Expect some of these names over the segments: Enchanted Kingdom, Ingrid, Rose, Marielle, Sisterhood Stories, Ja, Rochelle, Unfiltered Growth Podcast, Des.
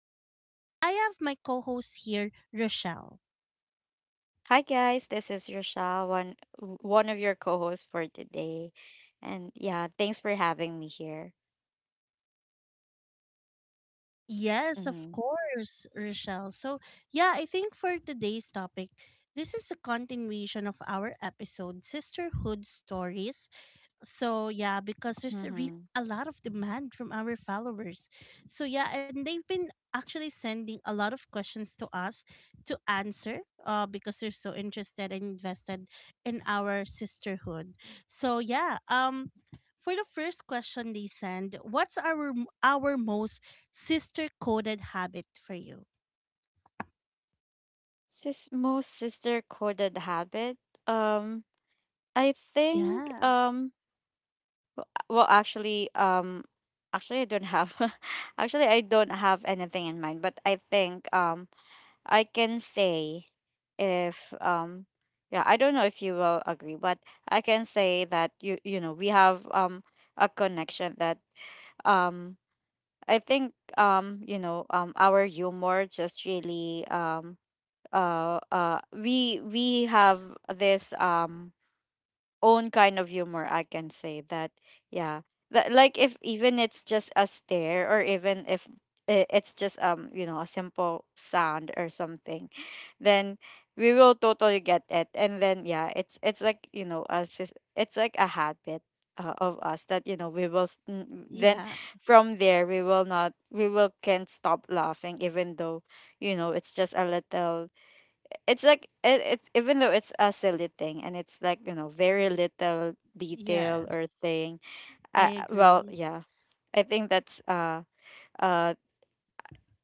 Ron, and I have my co-host here, Rochelle. Hi guys, this is Rochelle, one of your co-hosts for today, and yeah, thanks for having me here. Yes, of Mm-hmm. course, Rochelle. So, yeah, I think for today's topic, this is a continuation of our episode Sisterhood Stories. So yeah, because there's a really Mm-hmm. a lot of demand from our followers. So yeah, and they've been actually sending a lot of questions to us to answer, because they're so interested and invested in our sisterhood. So yeah, for the first question they send, what's our most sister coded habit for you? Sis, most sister coded habit. Um, I think, Yeah. Well, actually I don't have, actually I don't have anything in mind, but I think I can say, if yeah, I don't know if you will agree, but I can say that, you know, we have a connection that, um I think you know our humor just really, we have this own kind of humor, I can say that. Yeah, that, like, if even it's just a stare, or even if it's just, you know, a simple sound or something, then we will totally get it. And then yeah, it's like, you know, us, it's like a habit, of us that, you know, we will then, Yeah. from there, we will not, we will can't stop laughing, even though, you know, it's just a little, it's like it even though it's a silly thing, and it's like, you know, very little detail Yes. or thing. I Well, agree. yeah, I think that's, uh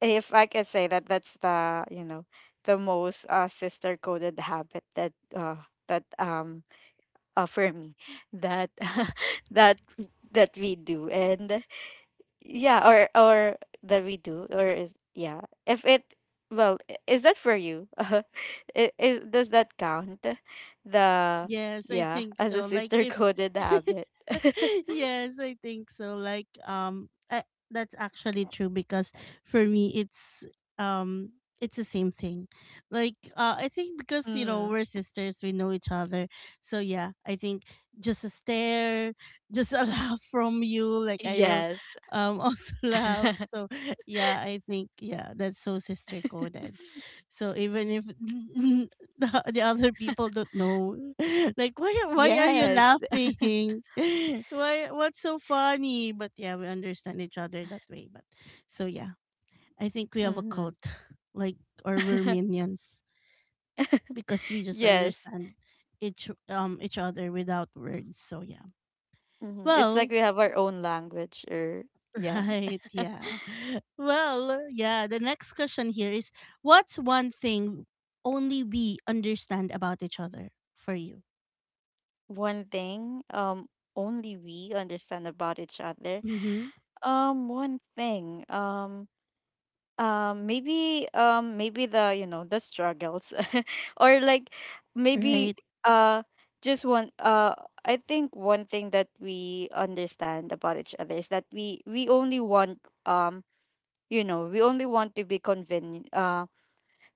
if I can say that, that's the, you know, the most sister coded habit, that, that um for me, that that that we do. And yeah, or that we do, or is, yeah. If it, well, is that for you? Does that count? The, Yes, I yeah, think as a so. Like sister if coded habit. yes, I think so. Like that's actually true because for me it's, um it's the same thing. Like I think because you know Mm, we're sisters, we know each other. So yeah, I think just a stare, just a laugh from you like I will, yes. Also laugh. So yeah, I think yeah, that's so sister coded. So even if the other people don't know. Like why are you Yes. laughing? Why, what's so funny? But yeah, we understand each other that way. But so yeah, I think we have a Mm-hmm. cult, like, or we're minions because we just Yes. understand each other without words. So yeah, It's like well. we have our own language, or yeah. Right, yeah. Well, yeah, the next question here is, what's one thing only we understand about each other for you? One thing, only we understand about each other. Mm-hmm. One thing. Maybe, maybe the, you know, the struggles, or like, maybe, Right. uh just one, I think one thing that we understand about each other is that we only want, um you know, we only want to be convenient,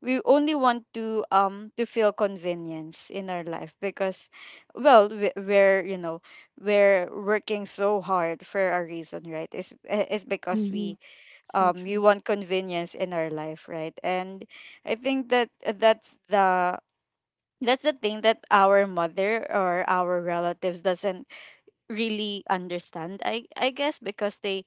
we only want to, to feel convenience in our life, because well, we're, you know, we're working so hard for a reason, right? It's because Mm-hmm. we, So we true. want convenience in our life, right? And I think that, that's the thing that our mother or our relatives doesn't really understand, I guess, because they,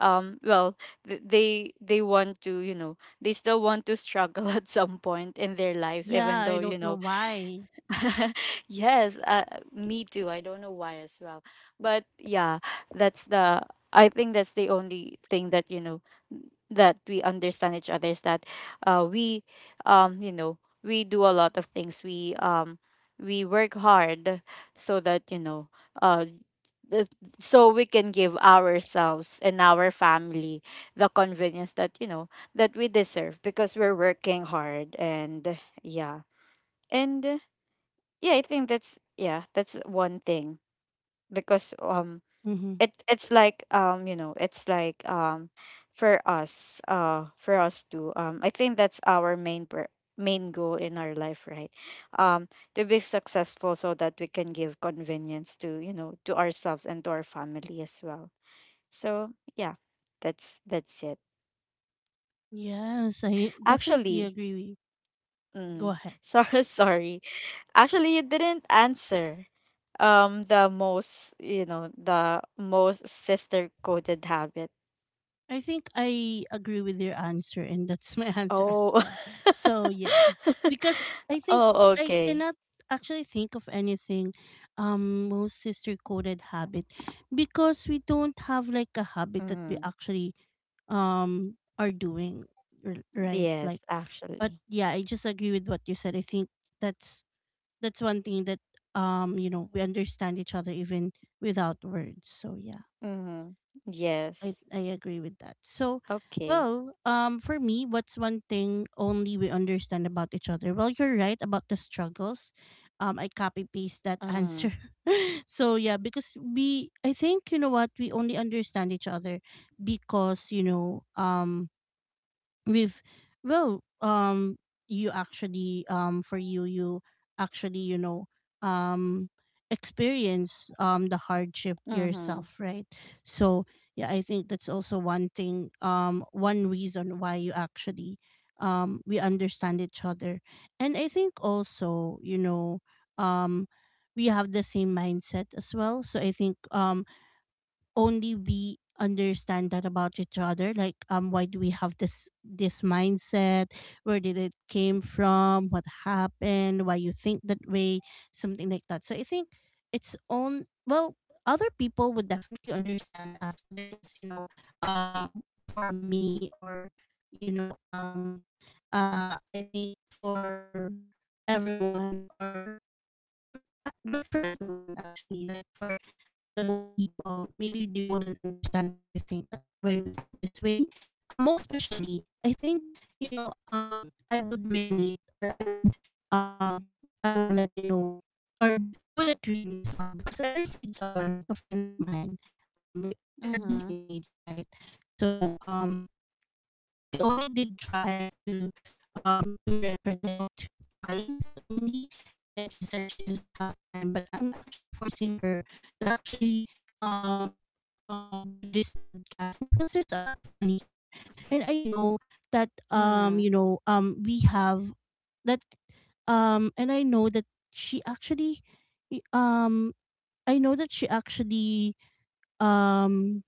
well, they want to, you know, they still want to struggle at some point in their lives, Yeah, even I though, you don't know know. why. Yes, me too. I don't know why as well. But yeah, that's the I think that's the only thing that, you know, that we understand each other is that, we, you know, we do a lot of things. We work hard so that, you know, uh th- so we can give ourselves and our family the convenience that, you know, that we deserve, because we're working hard. And yeah. And yeah, I think that's, yeah, that's one thing, because, Mm-hmm. It's like, you know, it's like, for us, for us to, I think that's our main main goal in our life, right? um to be successful, so that we can give convenience to, you know, to ourselves and to our family as well. So yeah, that's it. Yes, I definitely Actually, agree with. Go mm, ahead. sorry. Actually, you didn't answer. The most, you know, the most sister coded habit. I think I agree with your answer, and that's my answer as Oh. well. So, yeah, because I think Oh, I okay. cannot actually think of anything, most sister coded habit, because we don't have like a habit that we Mm. actually, are doing, right. Like, Yes, but actually. yeah, I just agree with what you said. I think that's that's one thing that, you know, we understand each other even without words. So yeah, Mm. i Yes. i agree with that. So Okay. well, for me, what's one thing only we understand about each other? Well, you're right about the struggles. I copy paste that Mm. answer. So yeah, because we, I think, you know what, we only understand each other because, you know, with, well you actually, for you actually, you know, um experience, the hardship Mm. yourself, right? So yeah, I think that's also one thing, one reason why you actually, we understand each other. And I think also, you know, um we have the same mindset as well, so I think, only we understand that about each other. Like, why do we have this mindset? Where did it came from? What happened? Why you think that way, something like that? So I think it's own. Well, other people would definitely understand us, but I guess, you know, um for me, or you know, I Mm. think for everyone, n- not for everyone actually, like for, the most people maybe they wouldn't understand why we think that, why we think this way, most especially, I think, you know, I would relate, or I would, um I would let you know, or you would agree in this one because I referred someone, like a friend of mine. We are at the Mm. same age, right? So she only did try to, to record like twice only, and then she said she doesn't have time, but I'm actually forcing her to actually, um do this podcast because there's a lot of money here, and I know that, Mm. you know, we have that, and I know that she actually, um i know that she actually um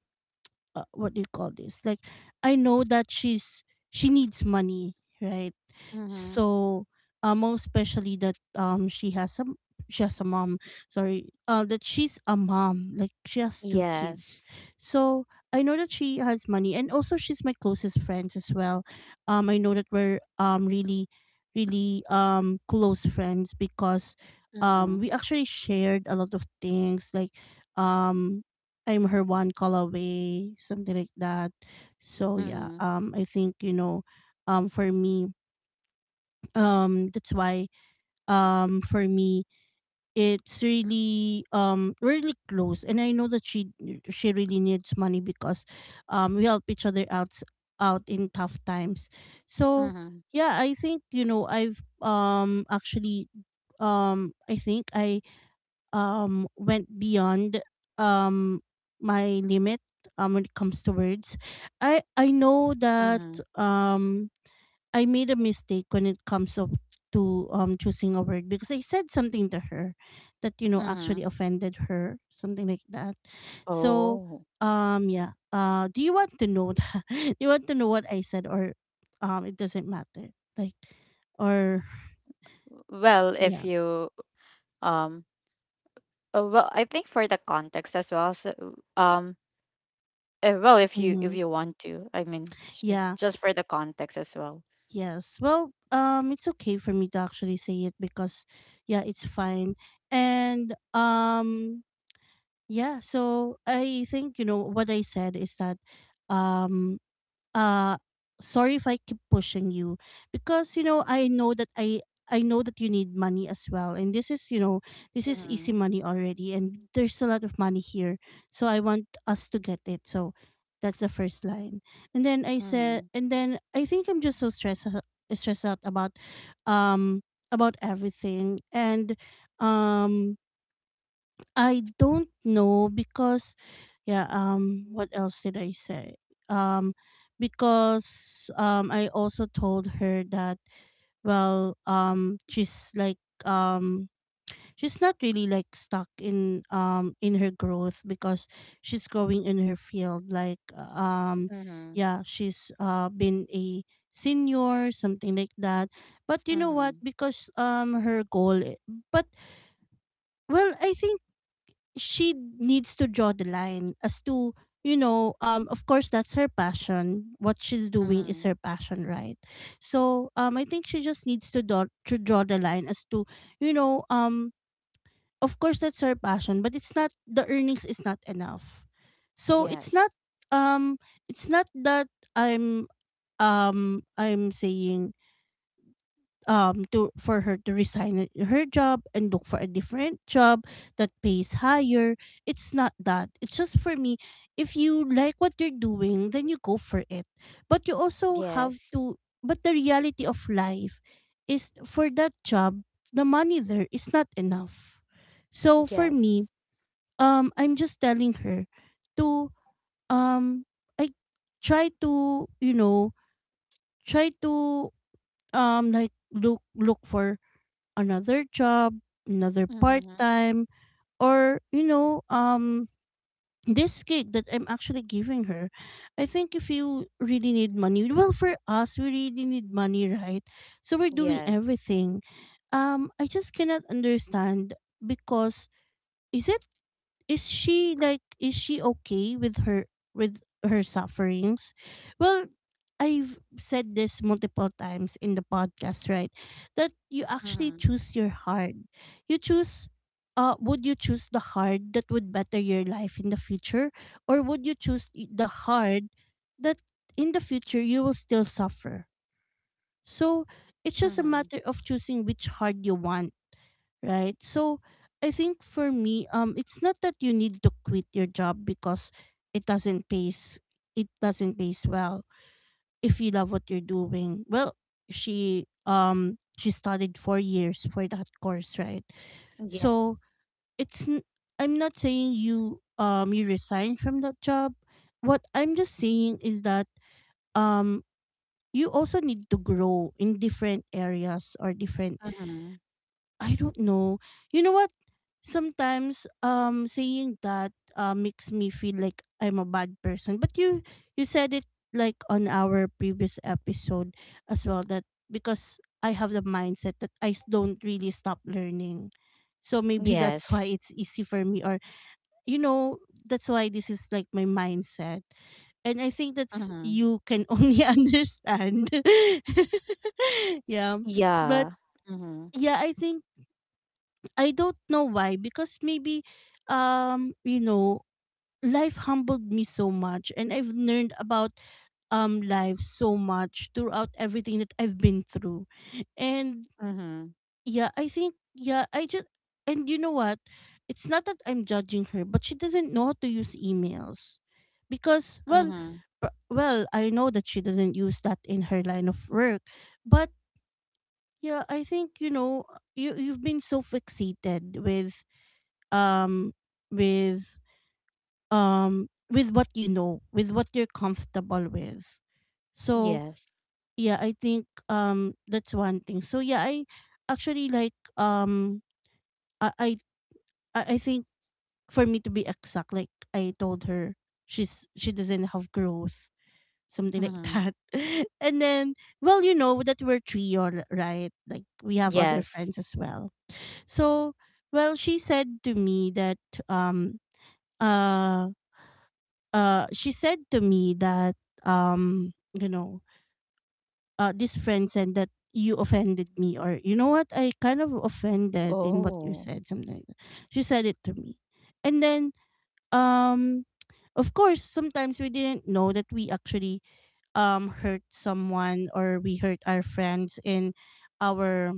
what do you call this? Like, I know that she needs money, right? Mm. So, most especially that, she has a mom. Sorry, that she's a mom. Like, she has two kids. Yes. So I know that she has money, and also she's my closest friends as well. I know that we're, really, really, close friends because, Mm. We actually shared a lot of things, like, um I'm her one call away, something like that. So yeah, Mm. I think, you know, for me, that's why, for me, it's really, we're really close, and I know that she really needs money because, we help each other out in tough times. So Mm. yeah, I think, you know, I've, actually, I think I, went beyond, um my limit, when it comes to words. I know that, Mm. um I made a mistake when it comes up to, choosing a word, because I said something to her that, you know, actually Mm. offended her, something like that. So, Oh. Yeah. Do you want to know? That? Do you want to know what I said? Or it doesn't matter. Like, or Well, if yeah, you um oh, well, I think for the context as well. So, um, well, if you hmm, if you want to, I mean, it's just yeah, just for the context as well. yes. Well, it's okay for me to actually say it because, yeah, it's fine. And yeah, so I think, you know what I said is that, um uh sorry if I keep pushing you, because you know I know that I know that you need money as well, and this is, you know, this is easy Mm-hmm. money already, and there's a lot of money here, so I want us to get it. So that's the first line. And then I said, Mm-hmm. and then I think I'm just so stressed out about, um about everything, and, um I don't know because, yeah, what else did I say? Um, because, I also told her that, well, she's like, um she's not really like stuck in her growth because she's growing in her field, like, Mm-hmm. yeah, she's been a senior, something like that. But you know what, Mm-hmm. because, but well, I think she needs to draw the line as to, you know, of course that's her passion, what she's doing is Mm-hmm. her passion, right? So I think she just needs to draw the line as to, you know, of course that's her passion, but it's not, the earnings is not enough. So Yes. Um it's not that i'm I'm saying, to for her to resign her job and look for a different job that pays higher. It's not that. It's just, for me, if you like what you're doing, then you go for it, but you also have Yes. to, but the reality of life is for that job, the money there is not enough. So for me, Yes. I'm just telling her to, um I try to, you know, try to, like look for another job, another part Mm-hmm. time, or you know, this gig that I'm actually giving her. I think if you really need money, well, for us, we really need money, right? So we're doing Yes. everything. I just cannot understand because, is it is she like, is she okay with her sufferings? Well, I've said this multiple times in the podcast, right? That you actually Mm-hmm. choose your heart. You choose Would you choose the hard that would better your life in the future, or would you choose the hard that in the future you will still suffer? So it's just a Mm-hmm. matter of choosing which hard you want, right? So I think for me, it's not that you need to quit your job because it doesn't pays it doesn't pays well, if you love what you're doing. Well, she studied 4 years for that course, right? Yes. So it's n- I'm not saying you resign from that job. What I'm just saying is that, um you also need to grow in different areas, or different, Mm-hmm. I don't know. You know what? Sometimes, saying that, makes me feel like I'm a bad person. But you said it, like on our previous episode as well, that because I have the mindset that don't really stop learning. So maybe that's Yes. why it's easy for me, or you know, that's why this is like my mindset. And I think that's, Mm-hmm. you can only understand. Yeah. But Yeah. Mm-hmm. yeah, I think, I don't know why, because maybe, you know, life humbled me so much, and I've learned about, life so much throughout everything that I've been through. And Mm-hmm. yeah, I think, yeah, I just, and you know what? It's not that I'm judging her, but she doesn't know how to use emails. Because well, Mm-hmm. pr- well, I know that she doesn't use that in her line of work, but yeah, I think you've been so fixated with um with with what you know, with what you're comfortable with. So Yes. yeah, I think that's one thing. So yeah, I actually like I I, I think, for me to be exact, like I told her she doesn't have growth, something like Mm-hmm. that. And then, well, you know that we're trio, right? Like we have other Yes. friends as well. So well, she said to me that um uh she said to me that um you know this friend said that you offended me, or you know what, I kind of offended in what you Oh. said, something like that. She said it to me. And then, um of course sometimes we didn't know that we actually hurt someone, or we hurt our friends in our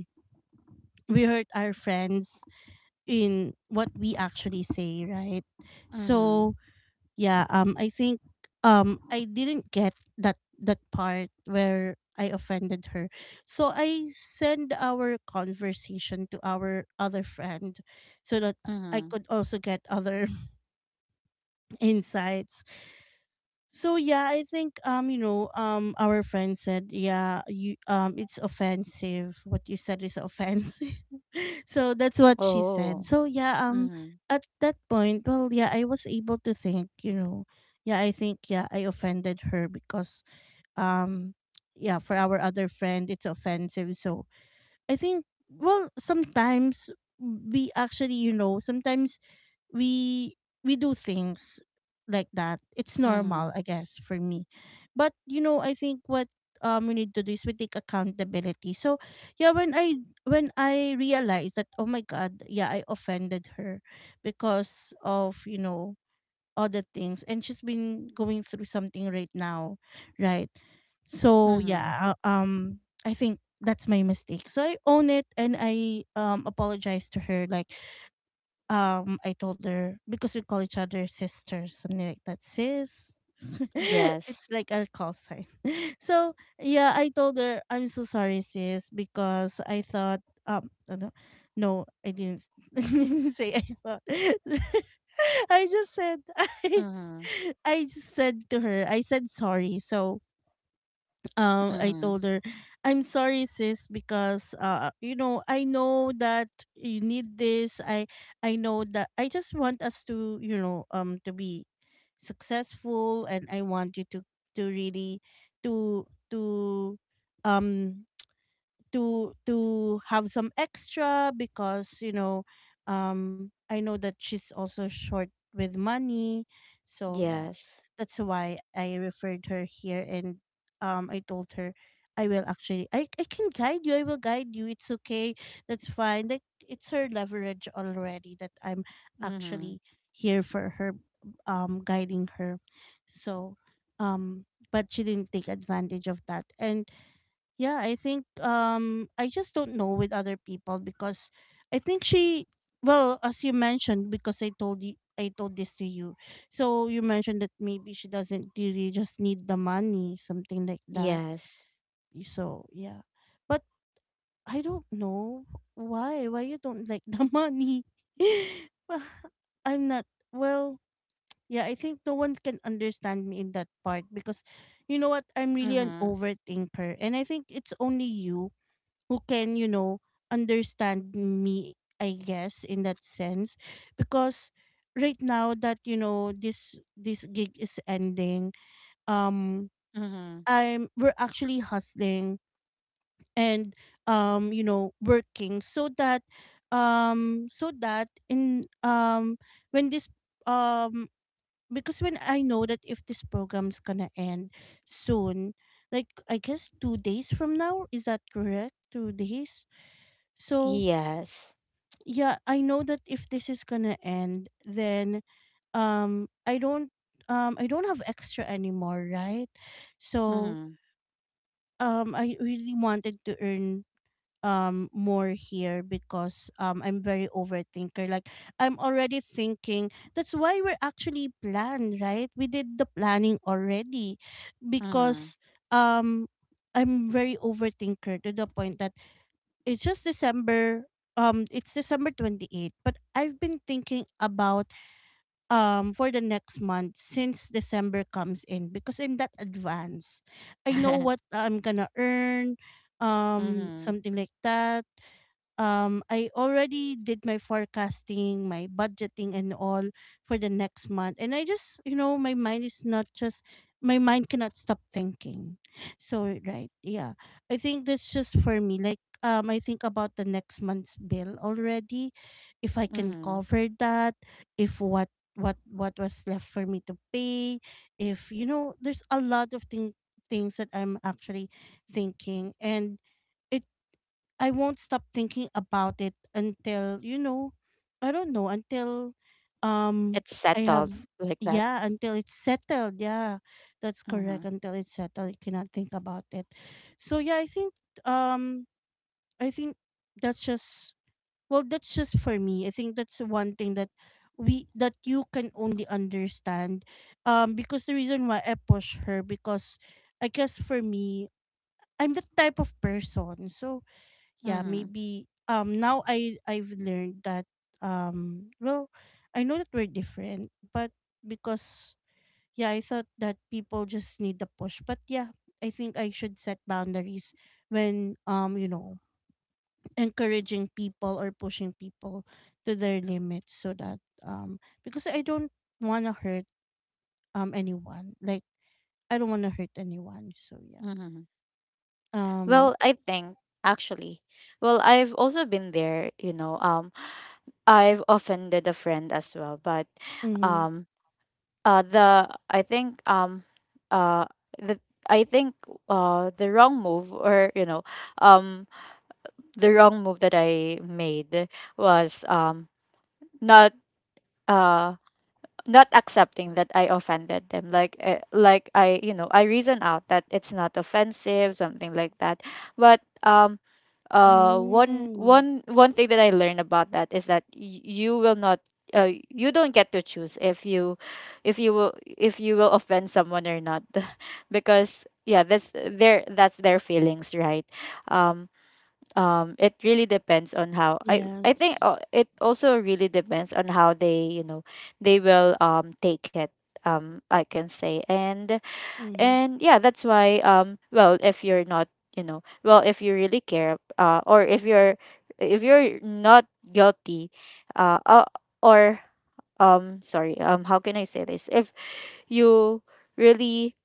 we hurt our friends what we actually say, right? Mm-hmm. So yeah, I think I didn't get that part where I offended her, so I send our conversation to our other friend so that I Mm-hmm. could also get other insights. So yeah, I think, our friend said, yeah, you it's offensive, what you said is offensive. So that's what she said. Oh. So yeah, Mm-hmm. at that point, well, yeah, I was able to think, you know, yeah, I think, yeah, I offended her because um yeah, for our other friend it's offensive. So I think, well, sometimes we actually, you know, sometimes we do things like that. It's Mm-hmm. normal, I guess, for me. But you know, I think what we need to do is we take accountability. So yeah, when I realized that, oh my god, yeah, I offended her because of, you know, other things, and she's been going through something right now, right? So Mm-hmm. yeah, I think that's my mistake, so I own it, and I apologize to her. Like, I told her, because we call each other sisters, something like that, sis. It's Yes. like our call sign. So yeah, I told her, I'm so sorry, sis, because I thought, ano, no, I didn't, I didn't say I thought. I just said, Mm-hmm. I just said to her, I said sorry. So I Mm-hmm. told her, "I'm sorry sis, because you know, I know that you need this. I know that I just want us to, you know, to be successful, and I want you to really to to um to have some extra, because, you know, I know that she's also short with money." So yeah, Yes. that's why I referred her here. And I told her, I will actually I can guide you, I will guide you, it's okay, that's fine. Like, it's her leverage already that I'm Mm-hmm. actually here for her, guiding her. So um but she didn't take advantage of that. And yeah, I think I just don't know with other people, because I think she, well, as you mentioned, because I told you, I told this to you. So you mentioned that maybe she doesn't really just need the money, something like that. Yes. So yeah. But I don't know why. Why you don't like the money? Well, I'm not, well, yeah, I think no one can understand me in that part, because, you know what? I'm really an Mm-hmm. overthinker. And I think it's only you who can, you know, understand me, I guess, in that sense. Because right now that, you know, this gig is ending, um Mm-hmm. I'm, we're actually hustling, and you know, working so that so that in when this um because when I know that if this program's gonna end soon, like I guess 2 days from now. Is that correct? 2 days. So Yes. yeah, I know that if this is gonna end, then um I don't I don't have extra anymore, right? So Mm-hmm. I really wanted to earn more here, because I'm very overthinker. Like, I'm already thinking, that's why we're actually planned, right? We did the planning already, Mm-hmm. because um I'm very overthinker to the point that it's just December, it's December 28th, but I've been thinking about for the next month since December comes in, because I'm that advanced. I know what I'm gonna earn, Mm-hmm. something like that. I already did my forecasting, my budgeting, and all for the next month. And I just, you know, my mind is not just, my mind cannot stop thinking. So right, yeah. I think that's just for me. Like, I think about the next month's bill already. If I can Mm-hmm. cover that, if what what was left for me to pay, if, you know, there's a lot of things that I'm actually thinking, and I won't stop thinking about it until, you know, I don't know, until um It's I settled have like that. yeah, until it's settled. Yeah. That's Mm-hmm. correct. Until it's settled, I cannot think about it. So yeah, I think um I think that's just, well, that's just for me. I think that's one thing that we that you can only understand. Because the reason why I push her, because I guess for me, I'm the type of person. So yeah, Mm-hmm. maybe now I've learned that, well, I know that we're different, but because, yeah, I thought that people just need the push, but yeah, I think I should set boundaries when, you know, encouraging people or pushing people to their limits, so that um because I don't want to hurt anyone like I don't want to hurt anyone. So yeah, Mm-hmm. um Well, I think, actually, well, I've also been there, you know, I've offended a friend as well, but, mm-hmm. um uh the I think um uh the I think the wrong move, or, you know, um the wrong move that I made was, not uh not accepting that I offended them, like, like, I, you know, I reason out that it's not offensive, something like that. But, one Mm. one one thing that I learned about that is that you will not, you don't get to choose if you will, if you will offend someone or not. Because yeah, that's their feelings, right? um it really depends on how I think Yes. It also really depends on how they, you know, they will, take it, I can say. and Mm-hmm. and yeah, that's why, well, if you're not, you know, well, if you really care, or if you're, not guilty, uh, uh or sorry, how can I say this? You really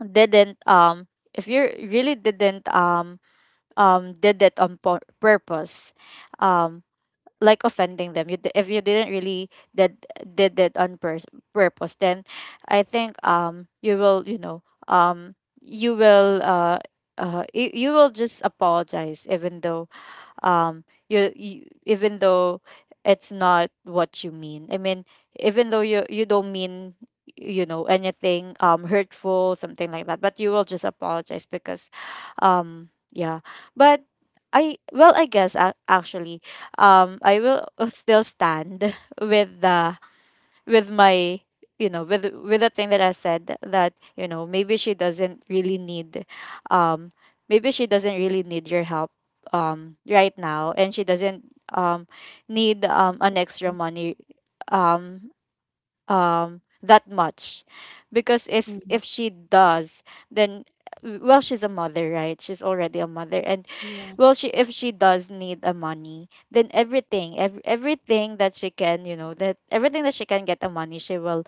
didn't um if you really didn't, did it on purpose, um like, offending them, if you didn't really, did did it on purpose, then I think, you will, you know, um you will, you will just apologize, even though, you even though it's not what you mean, I mean, even though you don't mean, you know, anything, hurtful, something like that, but you will just apologize because, yeah. But, I well, I guess, actually, I will, still stand with the with my, you know, with the thing that I said, that, you know, um maybe she doesn't really need your help, right now, and she doesn't, um need, an extra money, um that much, because if Mhm. if she does, then well, she's a mother, right? She's already a mother. And, Yes. well, she if she does need a money, then, everything, everything that she can, you know, that everything that she can get a money,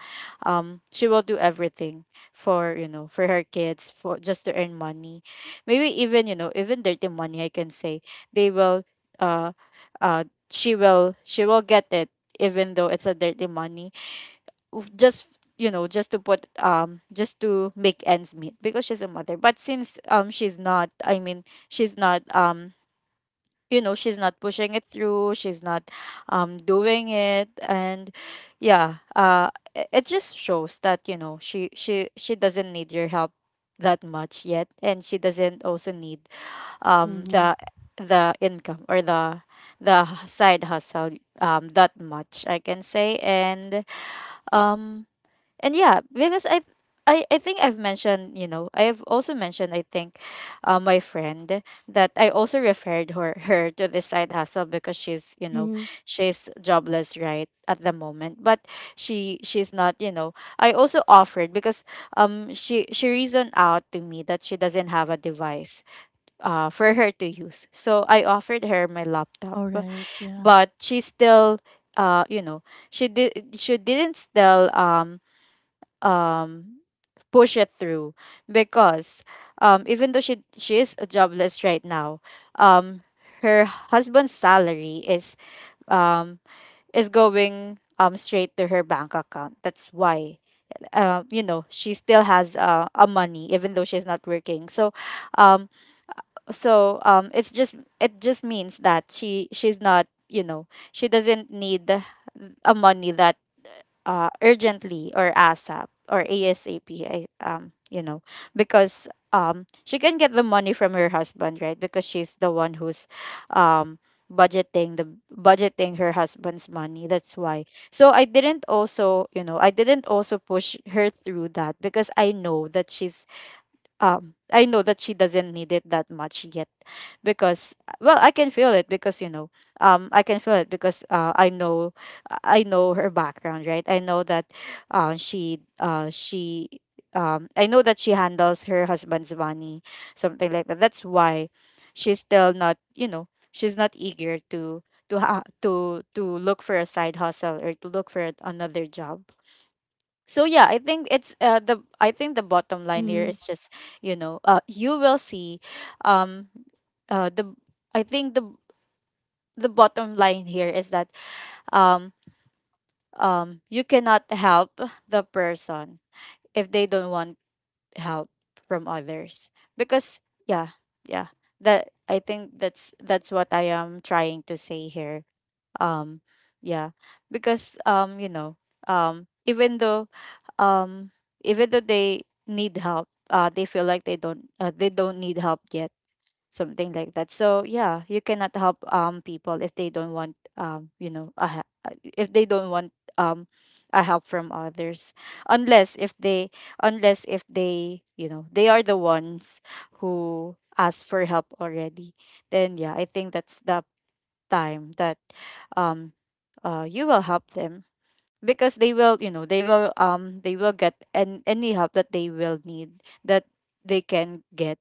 she will do everything, for, you know, for her kids, for just to earn money, maybe even, you know, even dirty money, I can say, they will, uh, uh, she will get it, even though it's a dirty money. Oof, just, you know, just to make ends meet, because she's a mother. But since, she's not, I mean, she's not, you know, she's not pushing it through, she's not, doing it, and yeah, it just shows that, you know, she doesn't need your help that much yet, and she doesn't also need, um Mhm. the the income, or the side hustle, that much, I can say. And, um and yeah, because, I think I've mentioned, you know, I have also mentioned, I think, my friend that I also referred her to this side hustle, because she's, you Mhm. know, she's jobless right at the moment. But she's not, you know. I also offered, because, she reasoned out to me that she doesn't have a device, for her to use. So I offered her my All laptop, right. Yeah. but she still, you know, she didn't still, push it through, because, even though she is jobless right now, um her husband's salary is, um going, straight to her bank account. That's why, you know, she still has, a money, even though she's not working. So, um so, it just means that she's not, you know, she doesn't need a money that, urgently, or ASAP, or ASAP. I, you know, because, she can get the money from her husband, right? Because she's the one who's, um, budgeting the budgeting her husband's money. That's why. So I didn't also push her through that because I know that she's. I know that she doesn't need it that much yet because, well, I can feel it because, you know, I can feel it because I know. I know her background, right? I know that she I know that she handles her husband's money, something like that. That's why she's still not, you know, she's not eager to to look for a side hustle or to look for another job. So yeah, I think it's the I think the bottom line Mhm. here is just you will see, um, the I think the bottom line here is that um you cannot help the person if they don't want help from others because, yeah, yeah, that I think that's what I am trying to say here. um, yeah, because um, even though, um, even though they need help, they feel like they don't need help yet, something like that. So yeah, you cannot help people if they don't want if they don't want um, a help from others, unless if they, unless if they, you know, they are the ones who ask for help already. Then yeah, I think that's the time that um you will help them because they will, you know, they will get an, any help that they will need, that they can get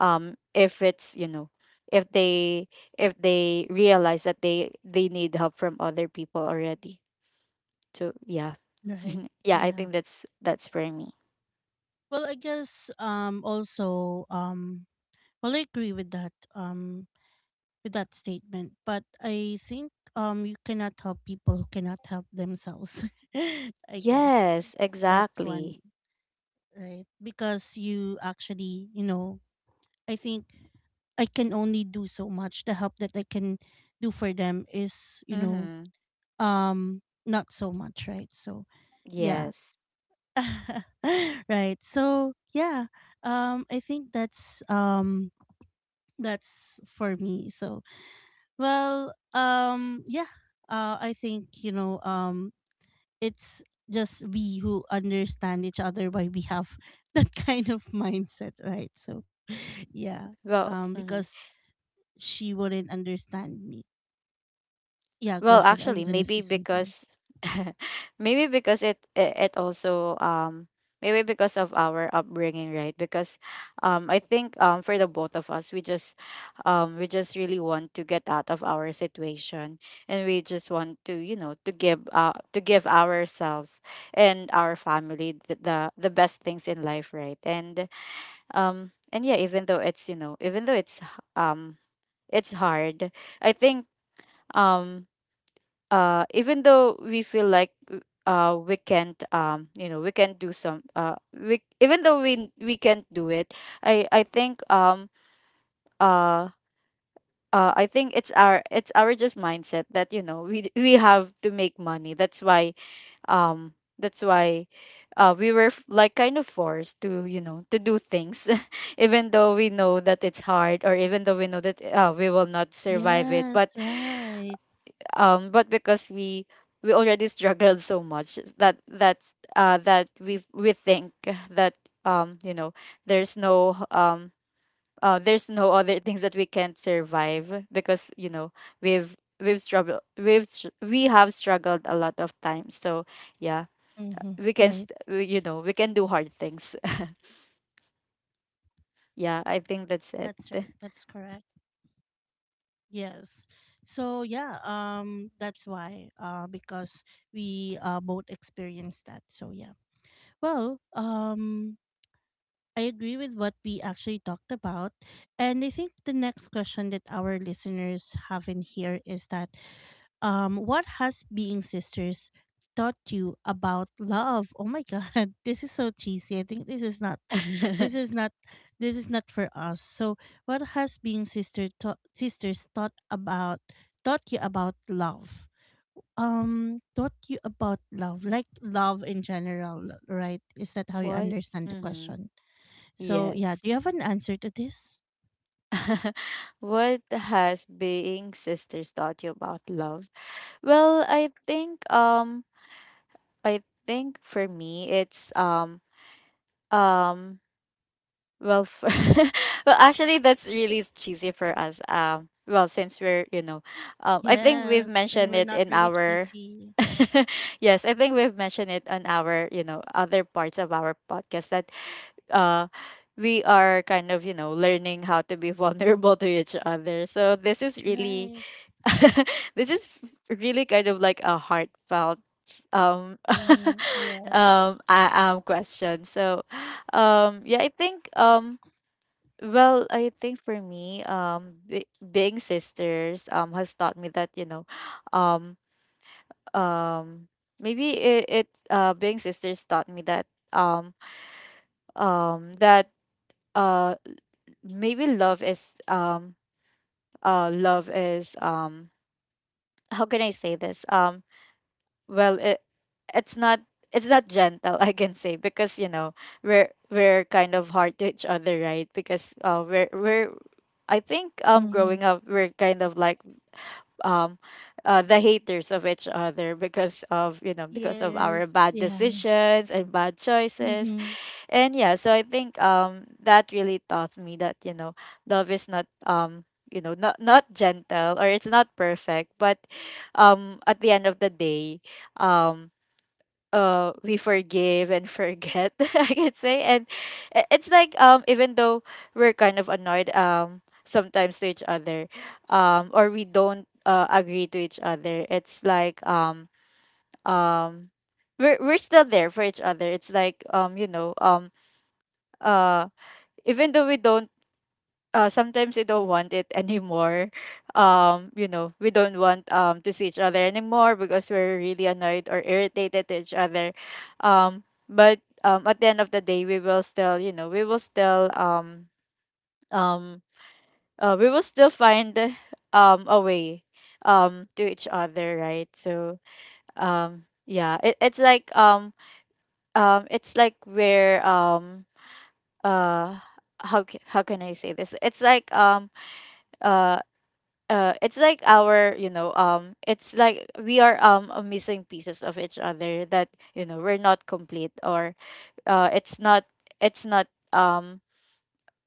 if it's, you know, if they, if they realize that they need help from other people already. So yeah. Right. Yeah, I Yeah. think that's for me. Well, I guess also well, I agree with that statement, but I think you cannot help people who cannot help themselves. I guess Yes, that's exactly. one, right? Because you actually, you know, I think I can only do so much. The help that I can do for them is, you know, Mm-hmm. um not so much, right? So yeah. Yes. Right, so yeah, I think that's for me. So well, yeah, I think, you know, it's just we who understand each other why we have that kind of mindset, right? So yeah, Well, because mhm. she wouldn't understand me. Yeah, go Well, ahead, are you actually, gonna say maybe something? because maybe because it also maybe because of our upbringing, right? Because I think for the both of us, we just really want to get out of our situation, and we just want to, you know, to give ourselves and our family the best things in life, right? And yeah, even though it's, you know, even though it's h- um it's hard, I think um even though we feel like we can't, you know, we can't do some, we even though we can't do it. I think uh I think it's ␣␣␣␣␣our, it's our just mindset that, you know, we have to make money. That's why um that's why we were like kind of forced to, you know, to do things, even though we know that it's hard or even though we know that, we will not survive it. Yes. Right. But because we already struggled so much that that's that we think that, you know, there's no um there's no other things that we can't survive because, you know, we've struggled, we have struggled a lot of times. So yeah, Mm-hmm. we Right. You know, we can do hard things. Yeah, I That's think right. that's it. That's correct. Yes. So yeah, that's why, because we both experienced that. So yeah. Well, I agree with what we actually talked about. And I think the next question that our listeners have in here is that, what has being sisters taught you about love? Oh my god, this is so cheesy. I think this is not this is not for us. So what has being sisters taught you about love? Um, taught you about love, like love in general, right? Is that how you What? understand the Mm-hmm. question? So yeah, Yes. do you have an answer to this? What has being sisters taught you about love? Well, I think for me it's um well for, well, actually, that's really cheesy for us. Well, since we're, you know, I think Yes, we've and we're mentioned not it really in our cheesy, yes, I think we've mentioned it on our, you know, other parts of our podcast that uh we are kind of, you know, learning how to be vulnerable to each other, so this is really right? Really kind of like a heartfelt um Mm-hmm. Yes. Question. So yeah, I think well, I think for me being sisters has taught me that, you know, um um maybe it, it being sisters taught me that um um that uh maybe love is how can I say this? Well, it's not, it's not gentle, I can say, because, you know, we're, kind of hard to each other, right? Because we're, I think, Mm-hmm. growing up we're kind of like um the haters of each other because of, you know, because of our Yes. bad Yeah. decisions and bad choices. Mm-hmm. And yeah, so I think that really taught me that, you know, love is not, you know, not gentle or it's not perfect, but at the end of the day, um we forgive and forget, I could say. And it's like, even though we're kind of annoyed sometimes to each other, or we don't, agree to each other, it's like, um we're, still there for each other. It's like, you know, uh even though we don't, sometimes we don't want it anymore, you know, we don't want, to see each other anymore because we're really annoyed or irritated to each other, but, at the end of the day we will still, you know, um we will still find a way, to each other, right? So yeah, it's like, it's like we're uh how can I say this? It's like, uh it's like our, you know, it's like we are, missing pieces of each other, that, you know, we're not complete or it's not, it's not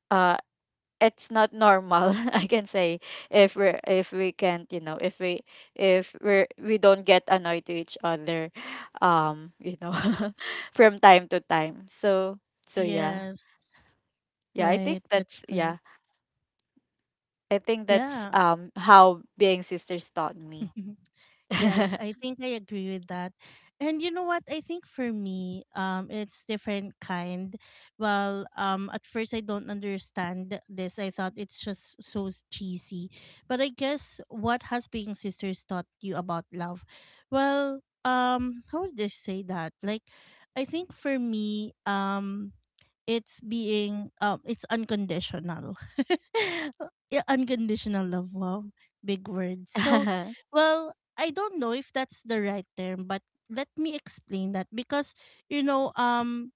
uh it's not normal, I can say, if we're, if we can't, you know, if we if we're we don't get annoyed to each other, you know, from time to time. So, so yeah. Yes. Yeah, I think Right. That's that's correct. I think that's Yeah. How being sisters taught me. Yes, I think I agree with that. And you know what? I think for me, it's different kind. Well, at first I don't understand this. I thought it's just so cheesy. But I guess, what has being sisters taught you about love? Well, how would I say that? Like, I think for me, it's being um, it's unconditional. Yeah, unconditional love, wow, big word. So well, I don't know if that's the right term, but let me explain that, because, you know, um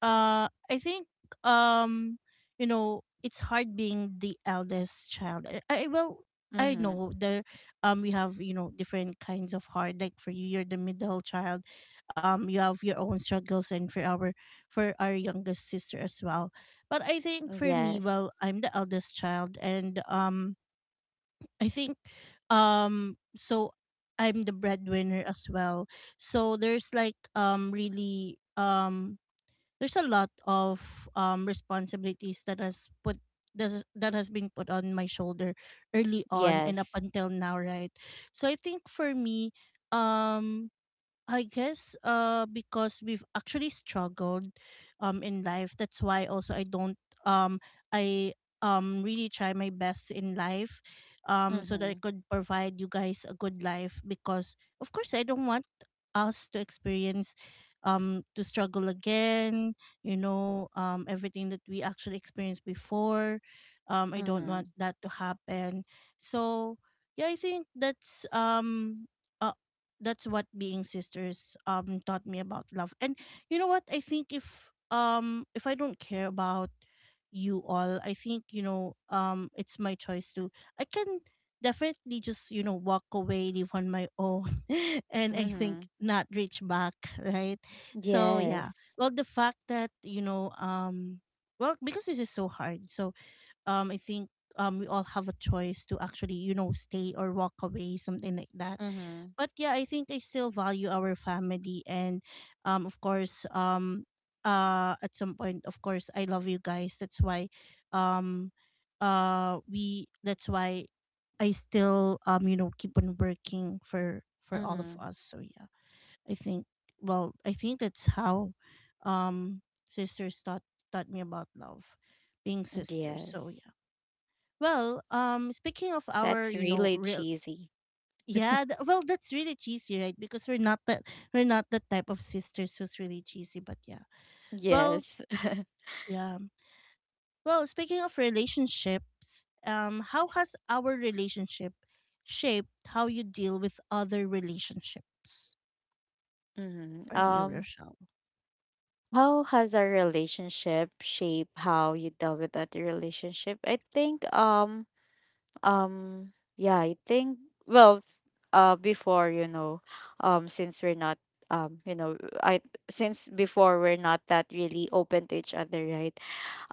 uh I think, um you know, it's hard being the eldest child. I, well, I Mhm. know there we have, you know, different kinds of hard. Like for you, you're the middle child. Um, you have your own struggles, and for our youngest sister as well. But I think for me, well, Yes. I'm the eldest child, and I think so I'm the breadwinner as well. So there's like really there's a lot of responsibilities that has put that has been put on my shoulder early on and up Yes. until now, right? So I think for me, um I guess, because we've actually struggled in life. That's why also I don't um I really try my best in life so that I Mhm. could provide you guys a good life, because of course I don't want us to experience, to struggle again, you know, everything that we actually experienced before. Um, I don't Mhm. want that to happen. So yeah, I think that's a that's what being sisters taught me about love. And you know what? I think if I don't care about you all, I think it's my choice to I can definitely just walk away, live on my own, and I think Mhm. not reach back, right? So yeah. Yes. Well, the fact that well because this is so hard, so I think we all have a choice to actually stay or walk away, something like that. Mhm. But yeah, I think I still value our family. And of course, at some point, of course I love you guys. That's why um uh we that's why I still keep on working for all of Mhm. us. So yeah, I think, well, I think that's how um sisters taught taught me about love, being sisters. So Yes. yeah. Well, speaking of our, That's really real, cheesy. yeah, that's really cheesy, right? Because we're not that, we're not the type of sisters who's really cheesy, but yeah. Well, Yes. yeah. Well, speaking of relationships, how has our relationship shaped how you deal with other relationships? Mhm. For you, Rochelle? How has our relationship shaped how you dealt with that relationship? I think Um, yeah, I think, well, before, you know, since we're not, you know, I since before we're not that really open to each other, right?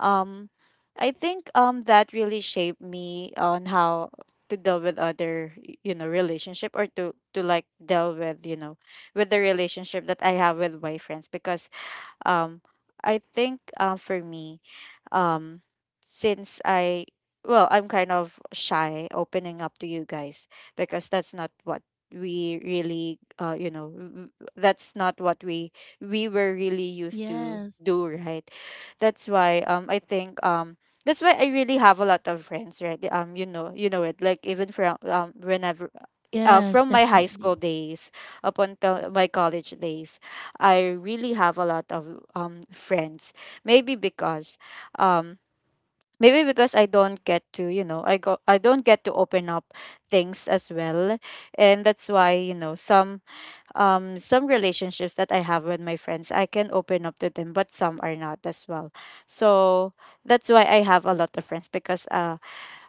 Um, I think that really shaped me on how to deal with other, you know, relationship, or to like deal with, you know, with the relationship that I have with my friends. Because um I think, for me, um since I, well, I'm kind of shy opening up to you guys because that's not what we really you know, that's not what we, were really used to do, Yes. right? That's why, I think, that's why I really have a lot of friends, right? You know, you know, it like, even from, whenever, Yes, from my high definitely. school days up until my college days, I really have a lot of friends. Maybe because um maybe because I don't get to, you know, I don't get to open up things as well. And that's why, you know, some, some relationships that I have with my friends, I can open up to them, but some are not as well. So that's why I have a lot of friends, because uh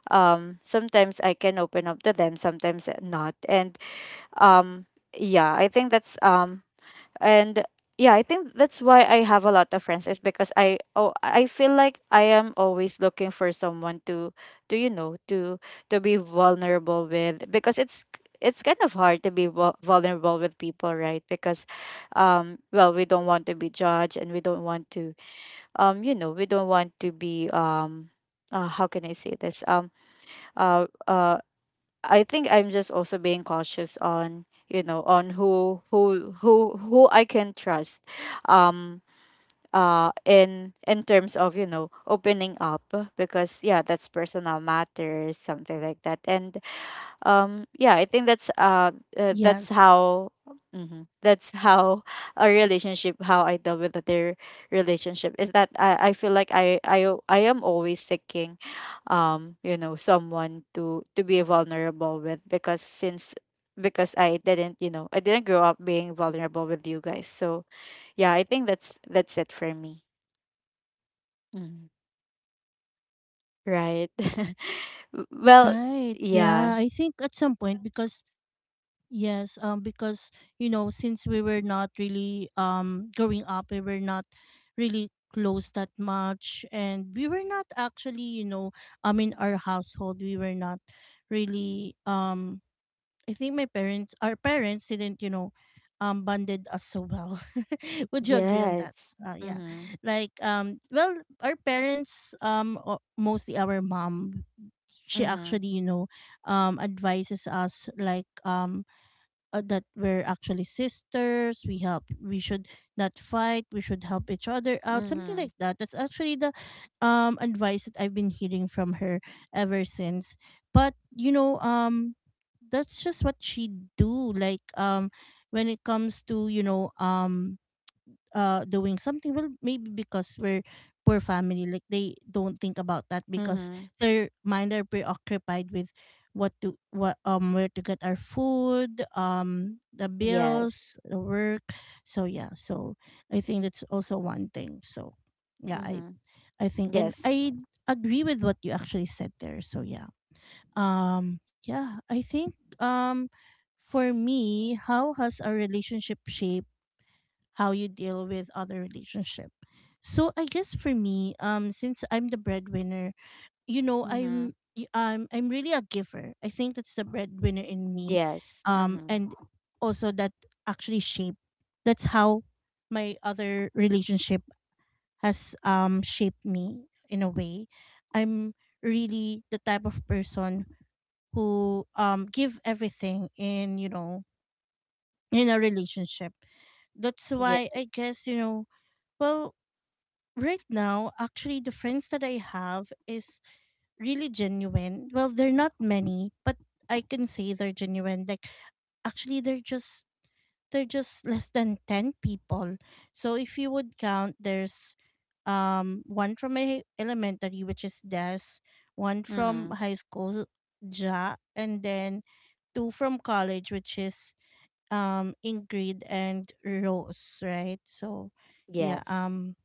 um sometimes I can open up to them, sometimes not. And um yeah, I think that's and yeah, I think that's why I have a lot of friends, is because I, oh, I feel like I am always looking for someone to, you know, to be vulnerable with, because it's kind of hard to be vulnerable with people, right? Because well, we don't want to be judged and we don't want to, you know, we don't want to be, how can I say this, uh uh I think I'm just also being cautious on, you know, on who who I can trust, um in terms of, you know, opening up, because yeah, that's personal matters, something like that. And yeah, I think that's how, Yes. mhm, that's how a relationship, how I deal with their relationship, is that I feel like I am always seeking, you know, someone to be vulnerable with, because since, because I didn't, you know, I didn't grow up being vulnerable with you guys. So yeah, I think that's it for me. Mhm. Right. Well, Right. Yeah, I yeah. think at some point because yes, because you know, since we were not really growing up, we were not really close that much, and we were not actually, you know, in our household, we were not really I think my parents, our parents, didn't, you know, bonded us so well. Would you agree on that? Yes. Yeah, Mm-hmm. like well, our parents, mostly our mom, she Mm-hmm. actually, you know, advises us like that we're actually sisters, we help, we should not fight, we should help each other out, something Mm-hmm. like that. That's actually the advice that I've been hearing from her ever since. But you know, that's just what she do, like when it comes to, you know, doing something. Well, maybe because we're poor family, like, they don't think about that because Mm-hmm. their mind are preoccupied with what to what, where to get our food, the bills, Yes. the work. So yeah, so I think that's also one thing. So yeah, i Mm-hmm. i think, and Yes. I agree with what you actually said there. So yeah, yeah, I think, for me, how has our relationship shaped how you deal with other relationship. So I guess for me, since I'm the breadwinner, you know, Mm-hmm. I'm really a giver. I think that's the breadwinner in me, Yes. Mm-hmm. and also that actually shaped. That's how my other relationship has shaped me in a way. I'm really the type of person who give everything in, you know, in a relationship. That's Yeah. why I guess, you know, well, right now, actually, the friends that I have is really genuine. Well, they're not many, but I can say they're genuine. Like, actually, they're just less than ten people. So if you would count, there's one from my elementary, which is Des, one from Mm-hmm. high school, Ja, and then two from college, which is Ingrid and Rose, right? So yeah, Yes.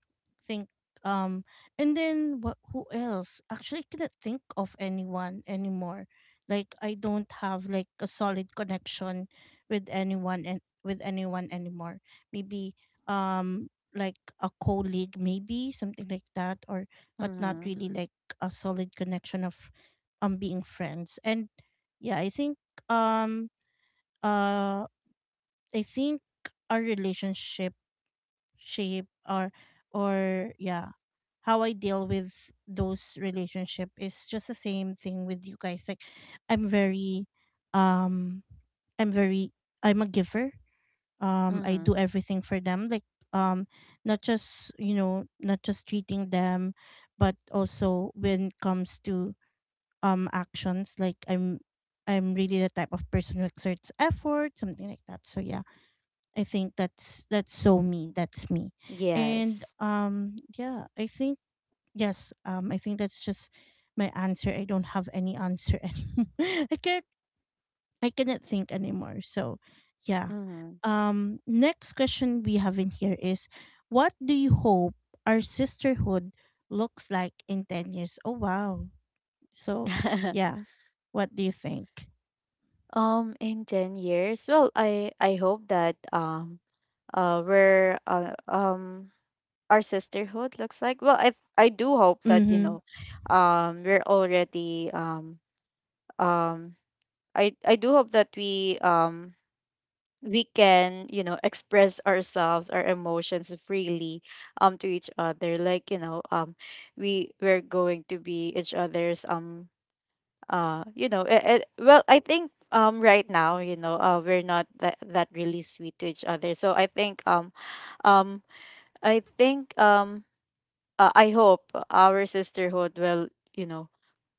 think um and then what, who else? Actually, I cannot think of anyone anymore. Like, I don't have like a solid connection with anyone, and with anyone anymore. Maybe like a colleague, maybe, something like that, or but not Mm-hmm. really like a solid connection of being friends. And yeah, um uh I think our relationship shape, or yeah, how I deal with those relationship is just the same thing with you guys. Like, I'm very um I'm very I'm a giver. I Mm-hmm. do everything for them. Like, um not just, you know, not just treating them, but also when it comes to actions, like I'm really the type of person who exerts effort, something like that. So yeah, I think that's so me. That's me. And Yes. Yeah, I think, yes, I think that's just my answer. I don't have any answer anymore. I can't I cannot think anymore. So yeah. Mm-hmm. Next question we have in here is, what do you hope our sisterhood looks like in 10 years? Oh wow. So yeah. What do you think? In 10 years, well, I hope that where our sisterhood looks like. Well, I do hope that, you Mm-hmm. know, we're already um I do hope that we we can, you know, express ourselves, our emotions freely to each other, like, you know, we're going to be each other's you know well, I think, right now, you know, we're not that really sweet to each other, so I think, um I think, I hope our sisterhood will, you know,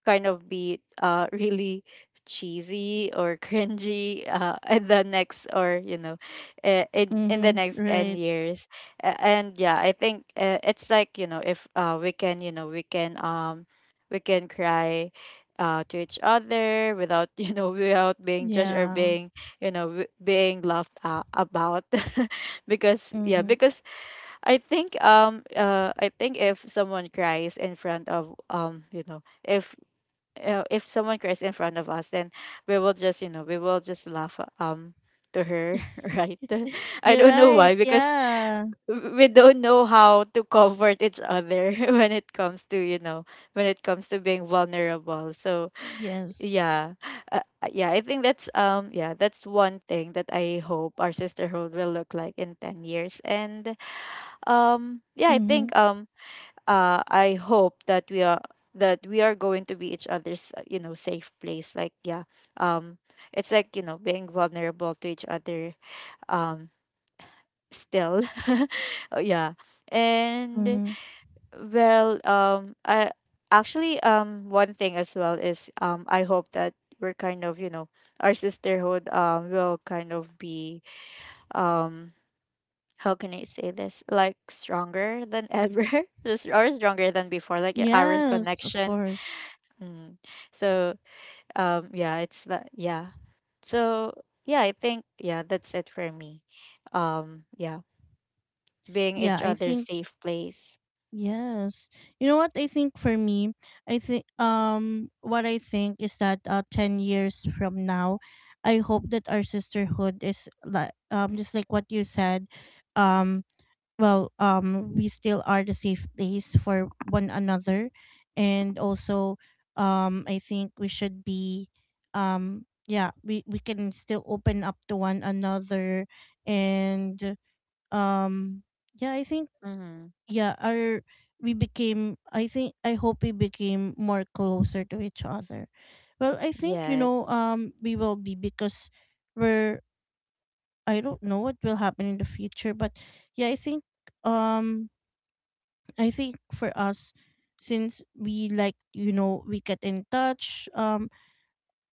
kind of be really cheesy or cringy in the next, or, you know, in the Mm-hmm. next 10 Right. years. And yeah, I think, it's like, you know, if we can, you know, we can cry to each other without you know, without being judged or Yeah. being, you know, being laughed about because yeah, Mm-hmm. because I think, I think if someone cries in front of, you know, if someone cries in front of us, then we will just, you know, we will just laugh to her right. I You're don't know right. why, because Yeah. We don't know how to comfort each other when it comes to, you know, when it comes to being vulnerable, so Yes. yeah. Yeah, I think that's, um, yeah, that's one thing that I hope our sisterhood will look like in 10 years. And yeah, I Mhm. think, I hope that we are, that we are going to be each other's, you know, safe place, like, yeah. um it's like, you know, being vulnerable to each other, um still. Oh, yeah. And, Mhm. well, I, actually, one thing as well is, I hope that we're kind of, you know, our sisterhood, will kind of be, um how can I say this? Like, stronger than ever, This- or stronger than before. Like our Yes, of connection. course. Mm. So, yeah, it's that, yeah. So, yeah, I think, yeah, that's it for me. Yeah, being Yeah, each I other's think, safe place. yes. You know what I think for me? I think what I think is that 10 years from now, I hope that our sisterhood is like just like what you said, um well, we still are the safe place for one another, and also I think we should be yeah, we can still open up to one another. And um yeah, I think, Mm-hmm. yeah, our we became, I think, I hope we became more closer to each other. Well, I think, you know, Yes. We will be, because we're, I don't know what will happen in the future, but yeah, I think, um I think for us, since we like, you know, we get in touch,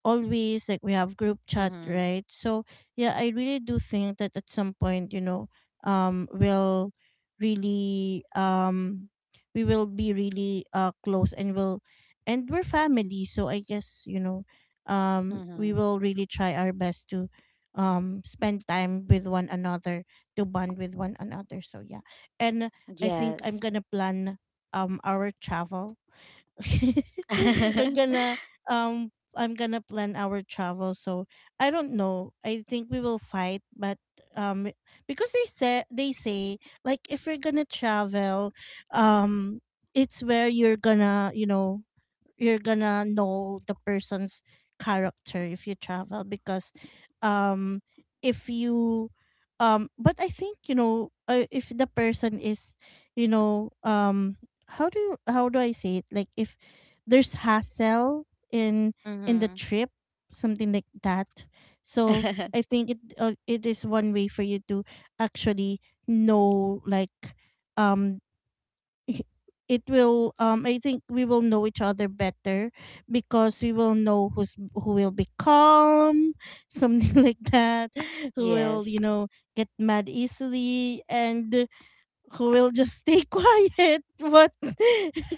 always, like we have group chat, Mm-hmm. right? So yeah, I really do think that at some point, you know, um we'll really um we will be really close, and will, and we're family, so I guess, you know, we Mm-hmm. will really try our best to spend time with one another, to bond with one another. So yeah. And I think I'm Yes. gonna plan our travel. We're gonna um I'm gonna plan our travel. So I don't know, I think we will fight, but um because they said, they say like, if you're gonna travel, um it's where you're gonna, you know, you're gonna know the person's character if you travel. Because um if you but I think, you know, if the person is, you know, how do you, how do I say it, like if there's hassle in the Mm-hmm. trip, something like that. So I think it it is one way for you to actually know, like, um it will, I think we will know each other better, because we will know who's who will be calm something like that, who will, you Yes. know, get mad easily, and who will just stay quiet, but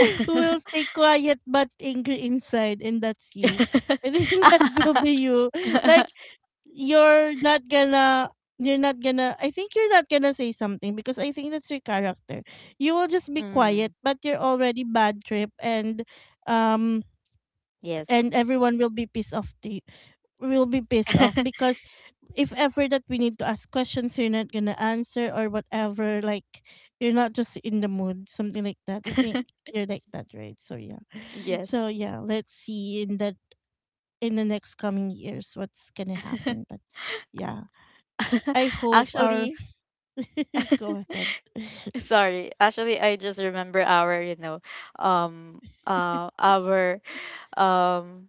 who will stay quiet but angry inside. And that's you, I think, that will be you. Like, you're not gonna you're not gonna I think you're not gonna say something, because I think that's your character. You will just be quiet, Mm. but you're already bad trip. And um Yes. Everyone will be pissed off to you, will be pissed off because if ever that we need to ask questions, you're not gonna answer or whatever, like, you're not just in the mood, something like that. I think you're like that, right? So yeah. So Yes. yeah, let's see in that in the next coming years what's gonna happen. But yeah. I hope our Actually, go ahead. sorry. Actually, I just remember our, you know, um, our, um,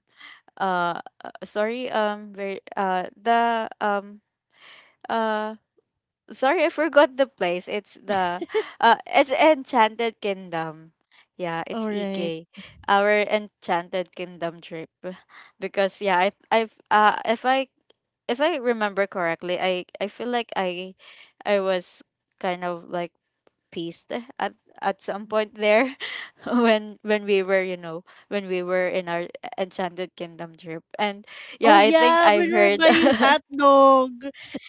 sorry, uh, sorry, I forgot the place. It's the, it's Enchanted Kingdom. Yeah, All it's right. EK. Our Enchanted Kingdom trip. Because yeah, if I remember correctly, I feel like I was kind of like peeved at at some point there when we were, you know, when we were in our Enchanted Kingdom trip, and Oh yeah, I think yeah, I've when we're heard. buying hot dog,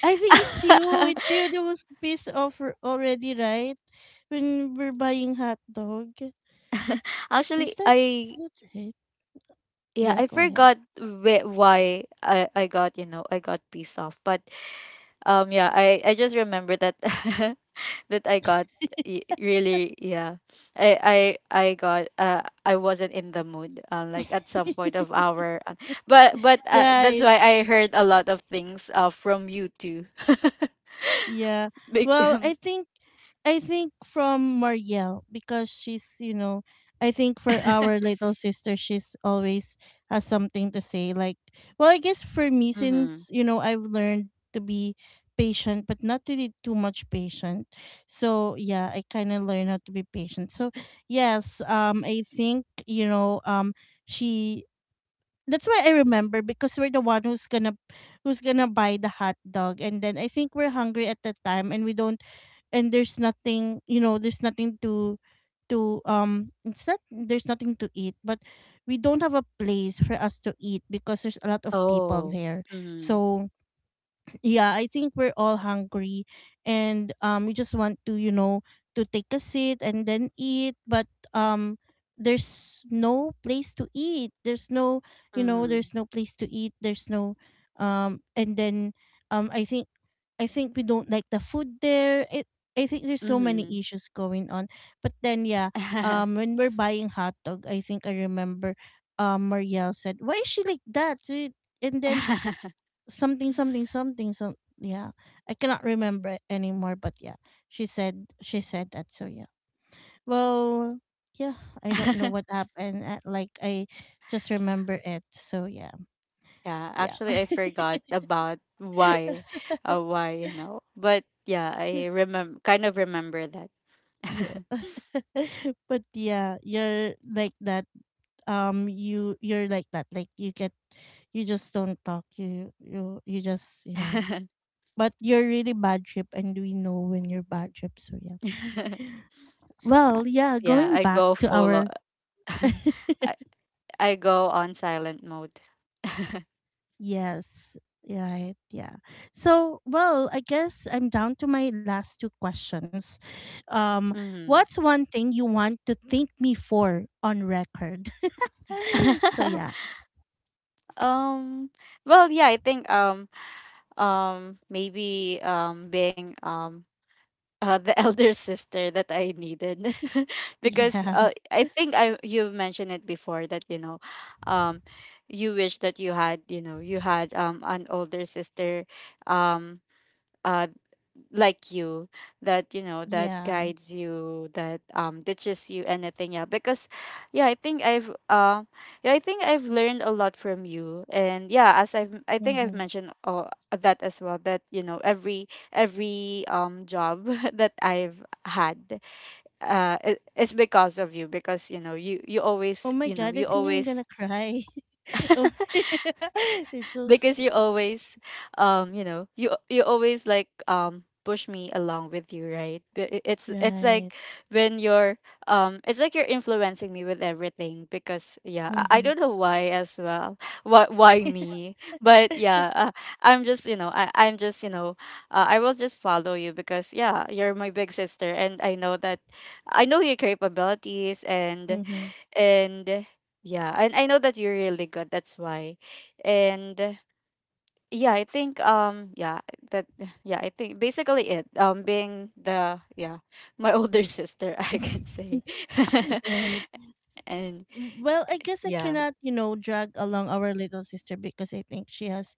I think it's you. It's you that was pissed off already, right? When we're buying hot dog, is Actually, that I, not right? yeah, Yeah, I go ahead. forgot why I got, you know, I got pissed off, but, um, yeah, I just remember that that I got, really, yeah. I got, I wasn't in the mood, like at some point of our, but that's Right. why I heard a lot of things from you too. Yeah. Big Well, I think from Marielle, because she's, you know, I think for our little sister, she's always has something to say. Like, well, I guess for me, mhm. since, you know, I've learned to be patient, but not really too much patient. So, yeah, I kind of learned how to be patient. So, yes, I think, she, that's why I remember because we're the one who's gonna buy the hot dog. And then I think we're hungry at the time, and we don't, and there's nothing, there's nothing to, to, it's not, there's nothing to eat, but we don't have a place for us to eat because there's a lot of people Oh. there. Mhm. So yeah, I think we're all hungry, and we just want to, to take a seat and then eat. But um there's no place to eat, there's no, Mhm. there's no place to eat, there's no, and then, um i think I think we don't like the food there. It, I think there's so many issues going on. But then yeah, Mhm. When we're buying hot dog, I think I remember, Marielle said, why is she like that? Eh, and then, something something something some, yeah, I cannot remember it anymore, but yeah, she said that. So yeah. Well, yeah, I don't know what happened. Like, I just remember it. So yeah. Yeah, Yeah. actually, I forgot about why, why, you know. But yeah, Yeah. I remember, kind of remember that. Yeah. But yeah, you're like that. You, you're like that. Like, you get, you just don't talk, you just, you know. But you're really bad trip, and we know when you're bad trip. So yeah. Well, yeah, Yeah, going I back go to full. O- our I I go on silent mode. Yes, right. Yeah. So, well, I guess I'm down to my last two questions. Um, Mm-hmm. what's one thing you want to thank me for on record? So, yeah. Um. Well, yeah, I think, maybe, being, the elder sister that I needed. Because, Yeah. I think I, you mentioned it before that, you know, um you wish that you had, you know, you had, an older sister, um uh like you, that, you know, that Yeah. guides you, that, teaches you anything, yeah. Because yeah, I think I've yeah, I think I've learned a lot from you. And yeah, as I've, I think I've Mm-hmm. mentioned, that as well, that, you know, every, job that I've had, is because of you. Because, you know, you always, Oh my you know, God, I you think I'm always, gonna cry. Oh, it's just because you always, you know, you always like, push me along with you, right? But it- it's like right. when you're, it's like you're influencing me with everything. Because yeah, I Mm-hmm. don't know why as well, why me? But yeah, I'm just, you know, I'm just, you know, I will just follow you, because yeah, you're my big sister, and I know that, I know your capabilities. and Mm-hmm. and yeah, and I know that you're really good, that's why. And yeah, I think, yeah, that yeah, I think basically it, being the, yeah, my older sister, I can say. Right. And Well, I guess I yeah. cannot, drag along our little sister because I think she has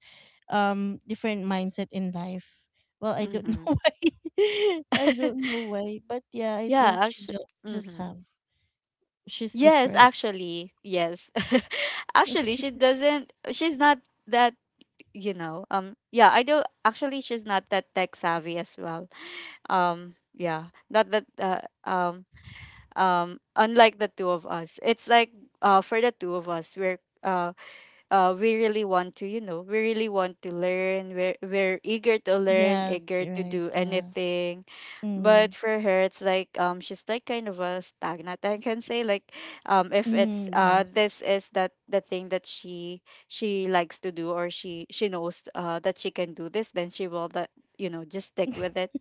different mindset in life. Well, I don't know Mhm. why. I don't know why, but yeah, I Yeah, think she actually, just mhm. have, she's Yes, different. actually. Yes. Actually, she doesn't, she's not that, you know. Yeah, I do, actually, she's not that tech savvy as well. Yeah, not that, um unlike the two of us. It's like, for the two of us, we really want to, you know, we really want to learn. We're eager to learn, Yes, eager you're to right. do Yeah. anything. But Mm. for her, it's like, she's like kind of a stagnant, I can say, like, if it's, Mm, yes. this is that the thing that she likes to do, or she knows, that she can do this, then she will that, you know, just stick with it.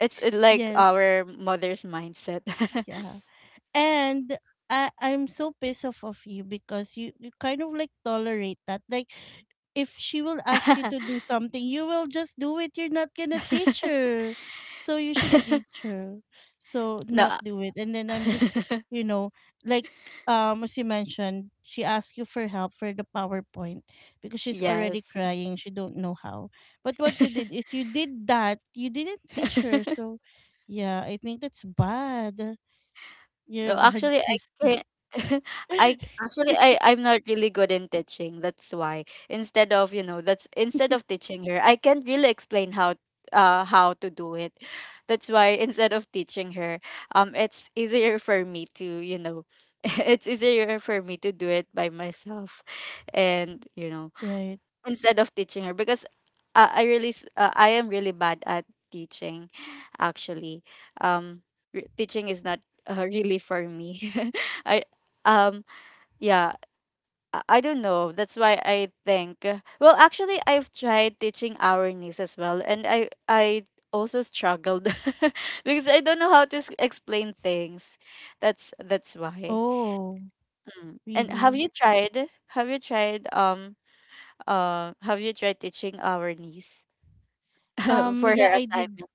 It's, like Yes. our mother's mindset. Yeah. And I'm so pissed off of you because you kind of like tolerate that. Like, if she will ask you to do something, you will just do it. You're not gonna teach her. So you should teach her. So, not No. do it. And then I'm just, you know, like, as you mentioned, she asked you for help for the PowerPoint because she's already Yes. crying. She don't know how. But what you did is you did that. You didn't teach her. So yeah, I think that's bad. You're a No, bad actually, I sister. can I, actually, I I'm not really good in teaching. That's why instead of, you know, that's instead of teaching her, I can't really explain how, how to do it. That's why instead of teaching her, it's easier for me to, you know, it's easier for me to do it by myself, and, you know, Right. instead of teaching her, because, I really I am really bad at teaching, actually. um Teaching is not, really for me. I um yeah, I don't know, that's why I think, well, actually, I've tried teaching our niece as well, and I also struggled because I don't know how to explain things, that's why. Oh, Mm. And have really? you tried, have you tried teaching our niece for Yeah, her I did. assignment?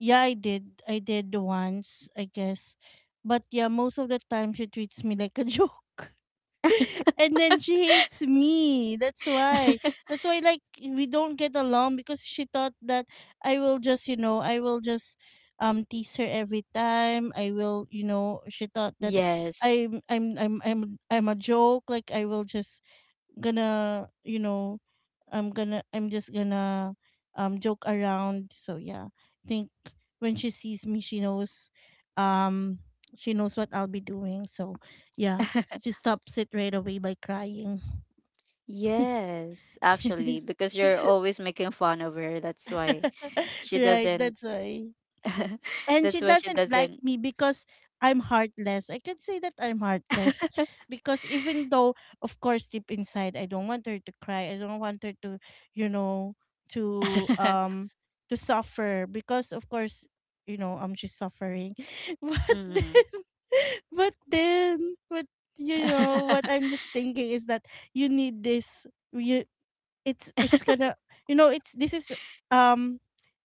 Yeah, I did. I did once, I guess. But yeah, most of the time she treats me like a joke. And then she hates me. That's why. That's why, like, we don't get along because she thought that I will just, you know, I will just tease her every time. I will, you know, she thought that Yes. I'm a joke. Like, I will just gonna, you know, I'm just gonna, joke around. So yeah, I think when she sees me, she knows, um she knows what I'll be doing. So yeah, she stops it right away by crying. Yes, actually, Yes. because you're always making fun of her. That's why she Right, doesn't. that's why. And That's she why she doesn't like doesn't. me because I'm heartless. I can say that I'm heartless because, even though, of course, deep inside, I don't want her to cry. I don't want her to, you know, to, to suffer because, of course, you know, she's suffering. But Mm-hmm. then, but then, but you know, what I'm just thinking is that you need this. You, it's gonna, you know, it's, this is, um,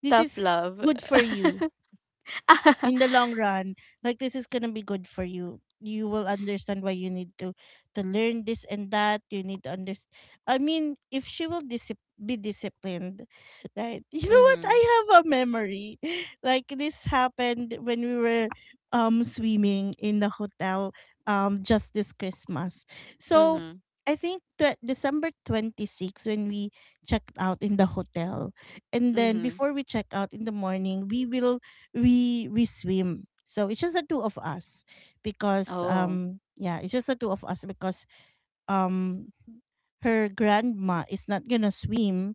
this Tough is love. good for you in the long run. Like, this is gonna be good for you. You will understand why you need to learn this and that. You need to understand. I mean, if she will disip- be disciplined, right? You know what? Mm-hmm. I have a memory like this happened when we were swimming in the hotel, just this Christmas. So, Mm-hmm. I think that December 26th, when we checked out in the hotel. And then Mm-hmm. before we check out in the morning, we will, we swim. So it's just the two of us because, Oh. Yeah, it's just the two of us because, um her grandma is not gonna swim.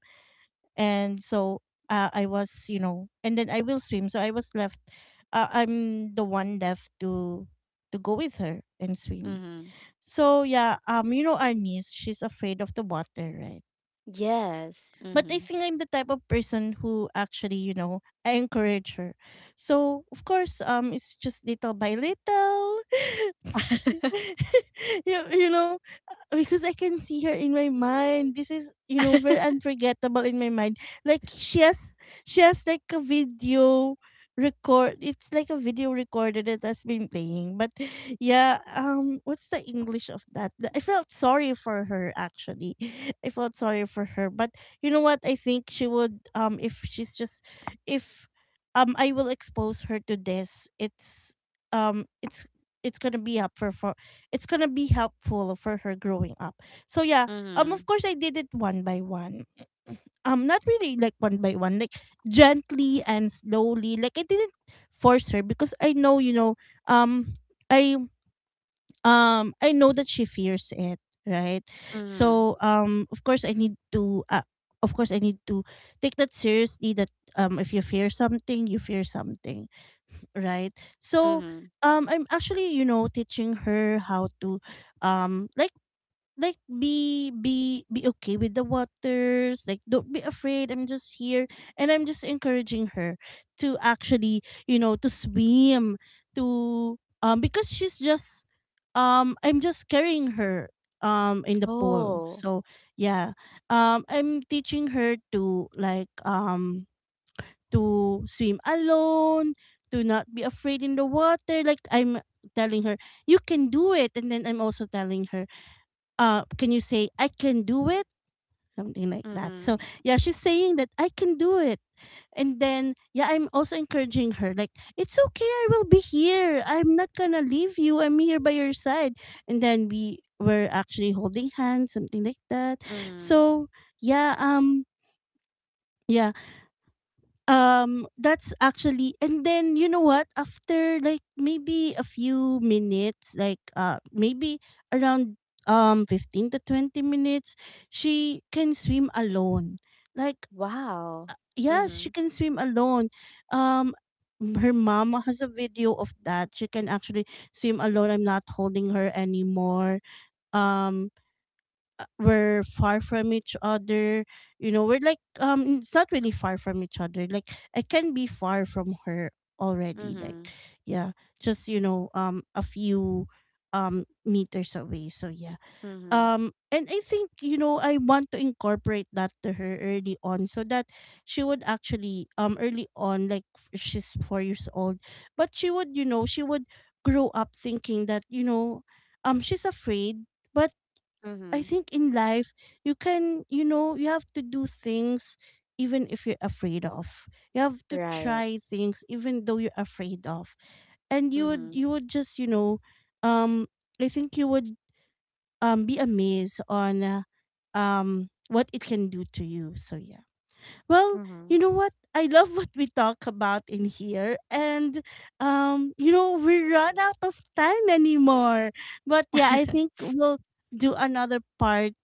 And so, I was, you know, and then I will swim. So I was left, I'm the one left to go with her and swim. Mm-hmm. So yeah, you know, our niece, she's afraid of the water, right? Yes. But I Mm-hmm. think I'm the type of person who actually, you know, I encourage her. So, of course, it's just little by little. You know, because I can see her in my mind. This is, you know, very unforgettable in my mind. Like, she has like a video record, it's like a video recorder that has been playing. But yeah, what's the English of that? The- I felt sorry for her, actually. I felt sorry for her. But you know what? I think she would, if she's just, if I will expose her to this, it's, um it's it's gonna be up for, it's gonna be helpful for her growing up. So yeah, Mm-hmm. of course I did it one by one. Not really like one by one, like gently and slowly. Like, I didn't force her because I know, you know, um, I, I know that she fears it, right? Mm-hmm. So, of course I need to, of course I need to take that seriously. That, if you fear something, you fear something, right? So, Mm-hmm. I'm actually, you know, teaching her how to, um like like be, be okay with the waters. Like, don't be afraid, I'm just here. And I'm just encouraging her to actually, you know, to swim, to because she's just, I'm just carrying her in the pool. Oh. So yeah, I'm teaching her to, like, to swim alone, to not be afraid in the water. Like, I'm telling her, you can do it. And then I'm also telling her, can you say I can do it? Something like that. Mm-hmm. So yeah, she's saying that I can do it. And then yeah, I'm also encouraging her like, it's okay, I will be here. I'm not gonna leave you. I'm here by your side. And then we were actually holding hands, something like that. Mm-hmm. So yeah, yeah, that's actually, and then you know what? After like maybe a few minutes, like, maybe around 15 to 20 minutes, she can swim alone. Like, Wow. yeah, Mm-hmm. she can swim alone. Um, m- her mama has a video of that. She can actually swim alone. I'm not holding her anymore. Um, we're far from each other. You know, we're like, it's not really far from each other, like, I can be far from her already. Like, Mm-hmm. yeah, just, you know, a few meters away. So yeah, Mm-hmm. And I think, you know, I want to incorporate that to her early on so that she would actually, early on, like, f- she's 4 years old, but she would, you know, she would grow up thinking that, you know, she's afraid, but I Mm-hmm. think in life, you can, you know, you have to do things even if you're afraid of. You have to Right. try things even though you're afraid of. And you would, Mm-hmm. you would just, you know, um I think you would be amazed on, what it can do to you. So yeah. Well, Mm-hmm. you know what? I love what we talk about in here. And, you know, we run out of time anymore. But yeah, I think we'll do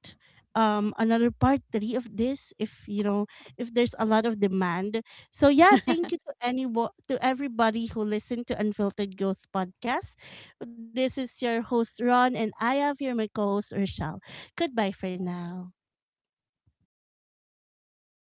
another part three of this if, you know, if there's a lot of demand. So yeah, thank you to anyone, to everybody who listened to Unfiltered Growth Podcast. This is your host, Ron, and I have here my co host, Rochelle. Goodbye for now.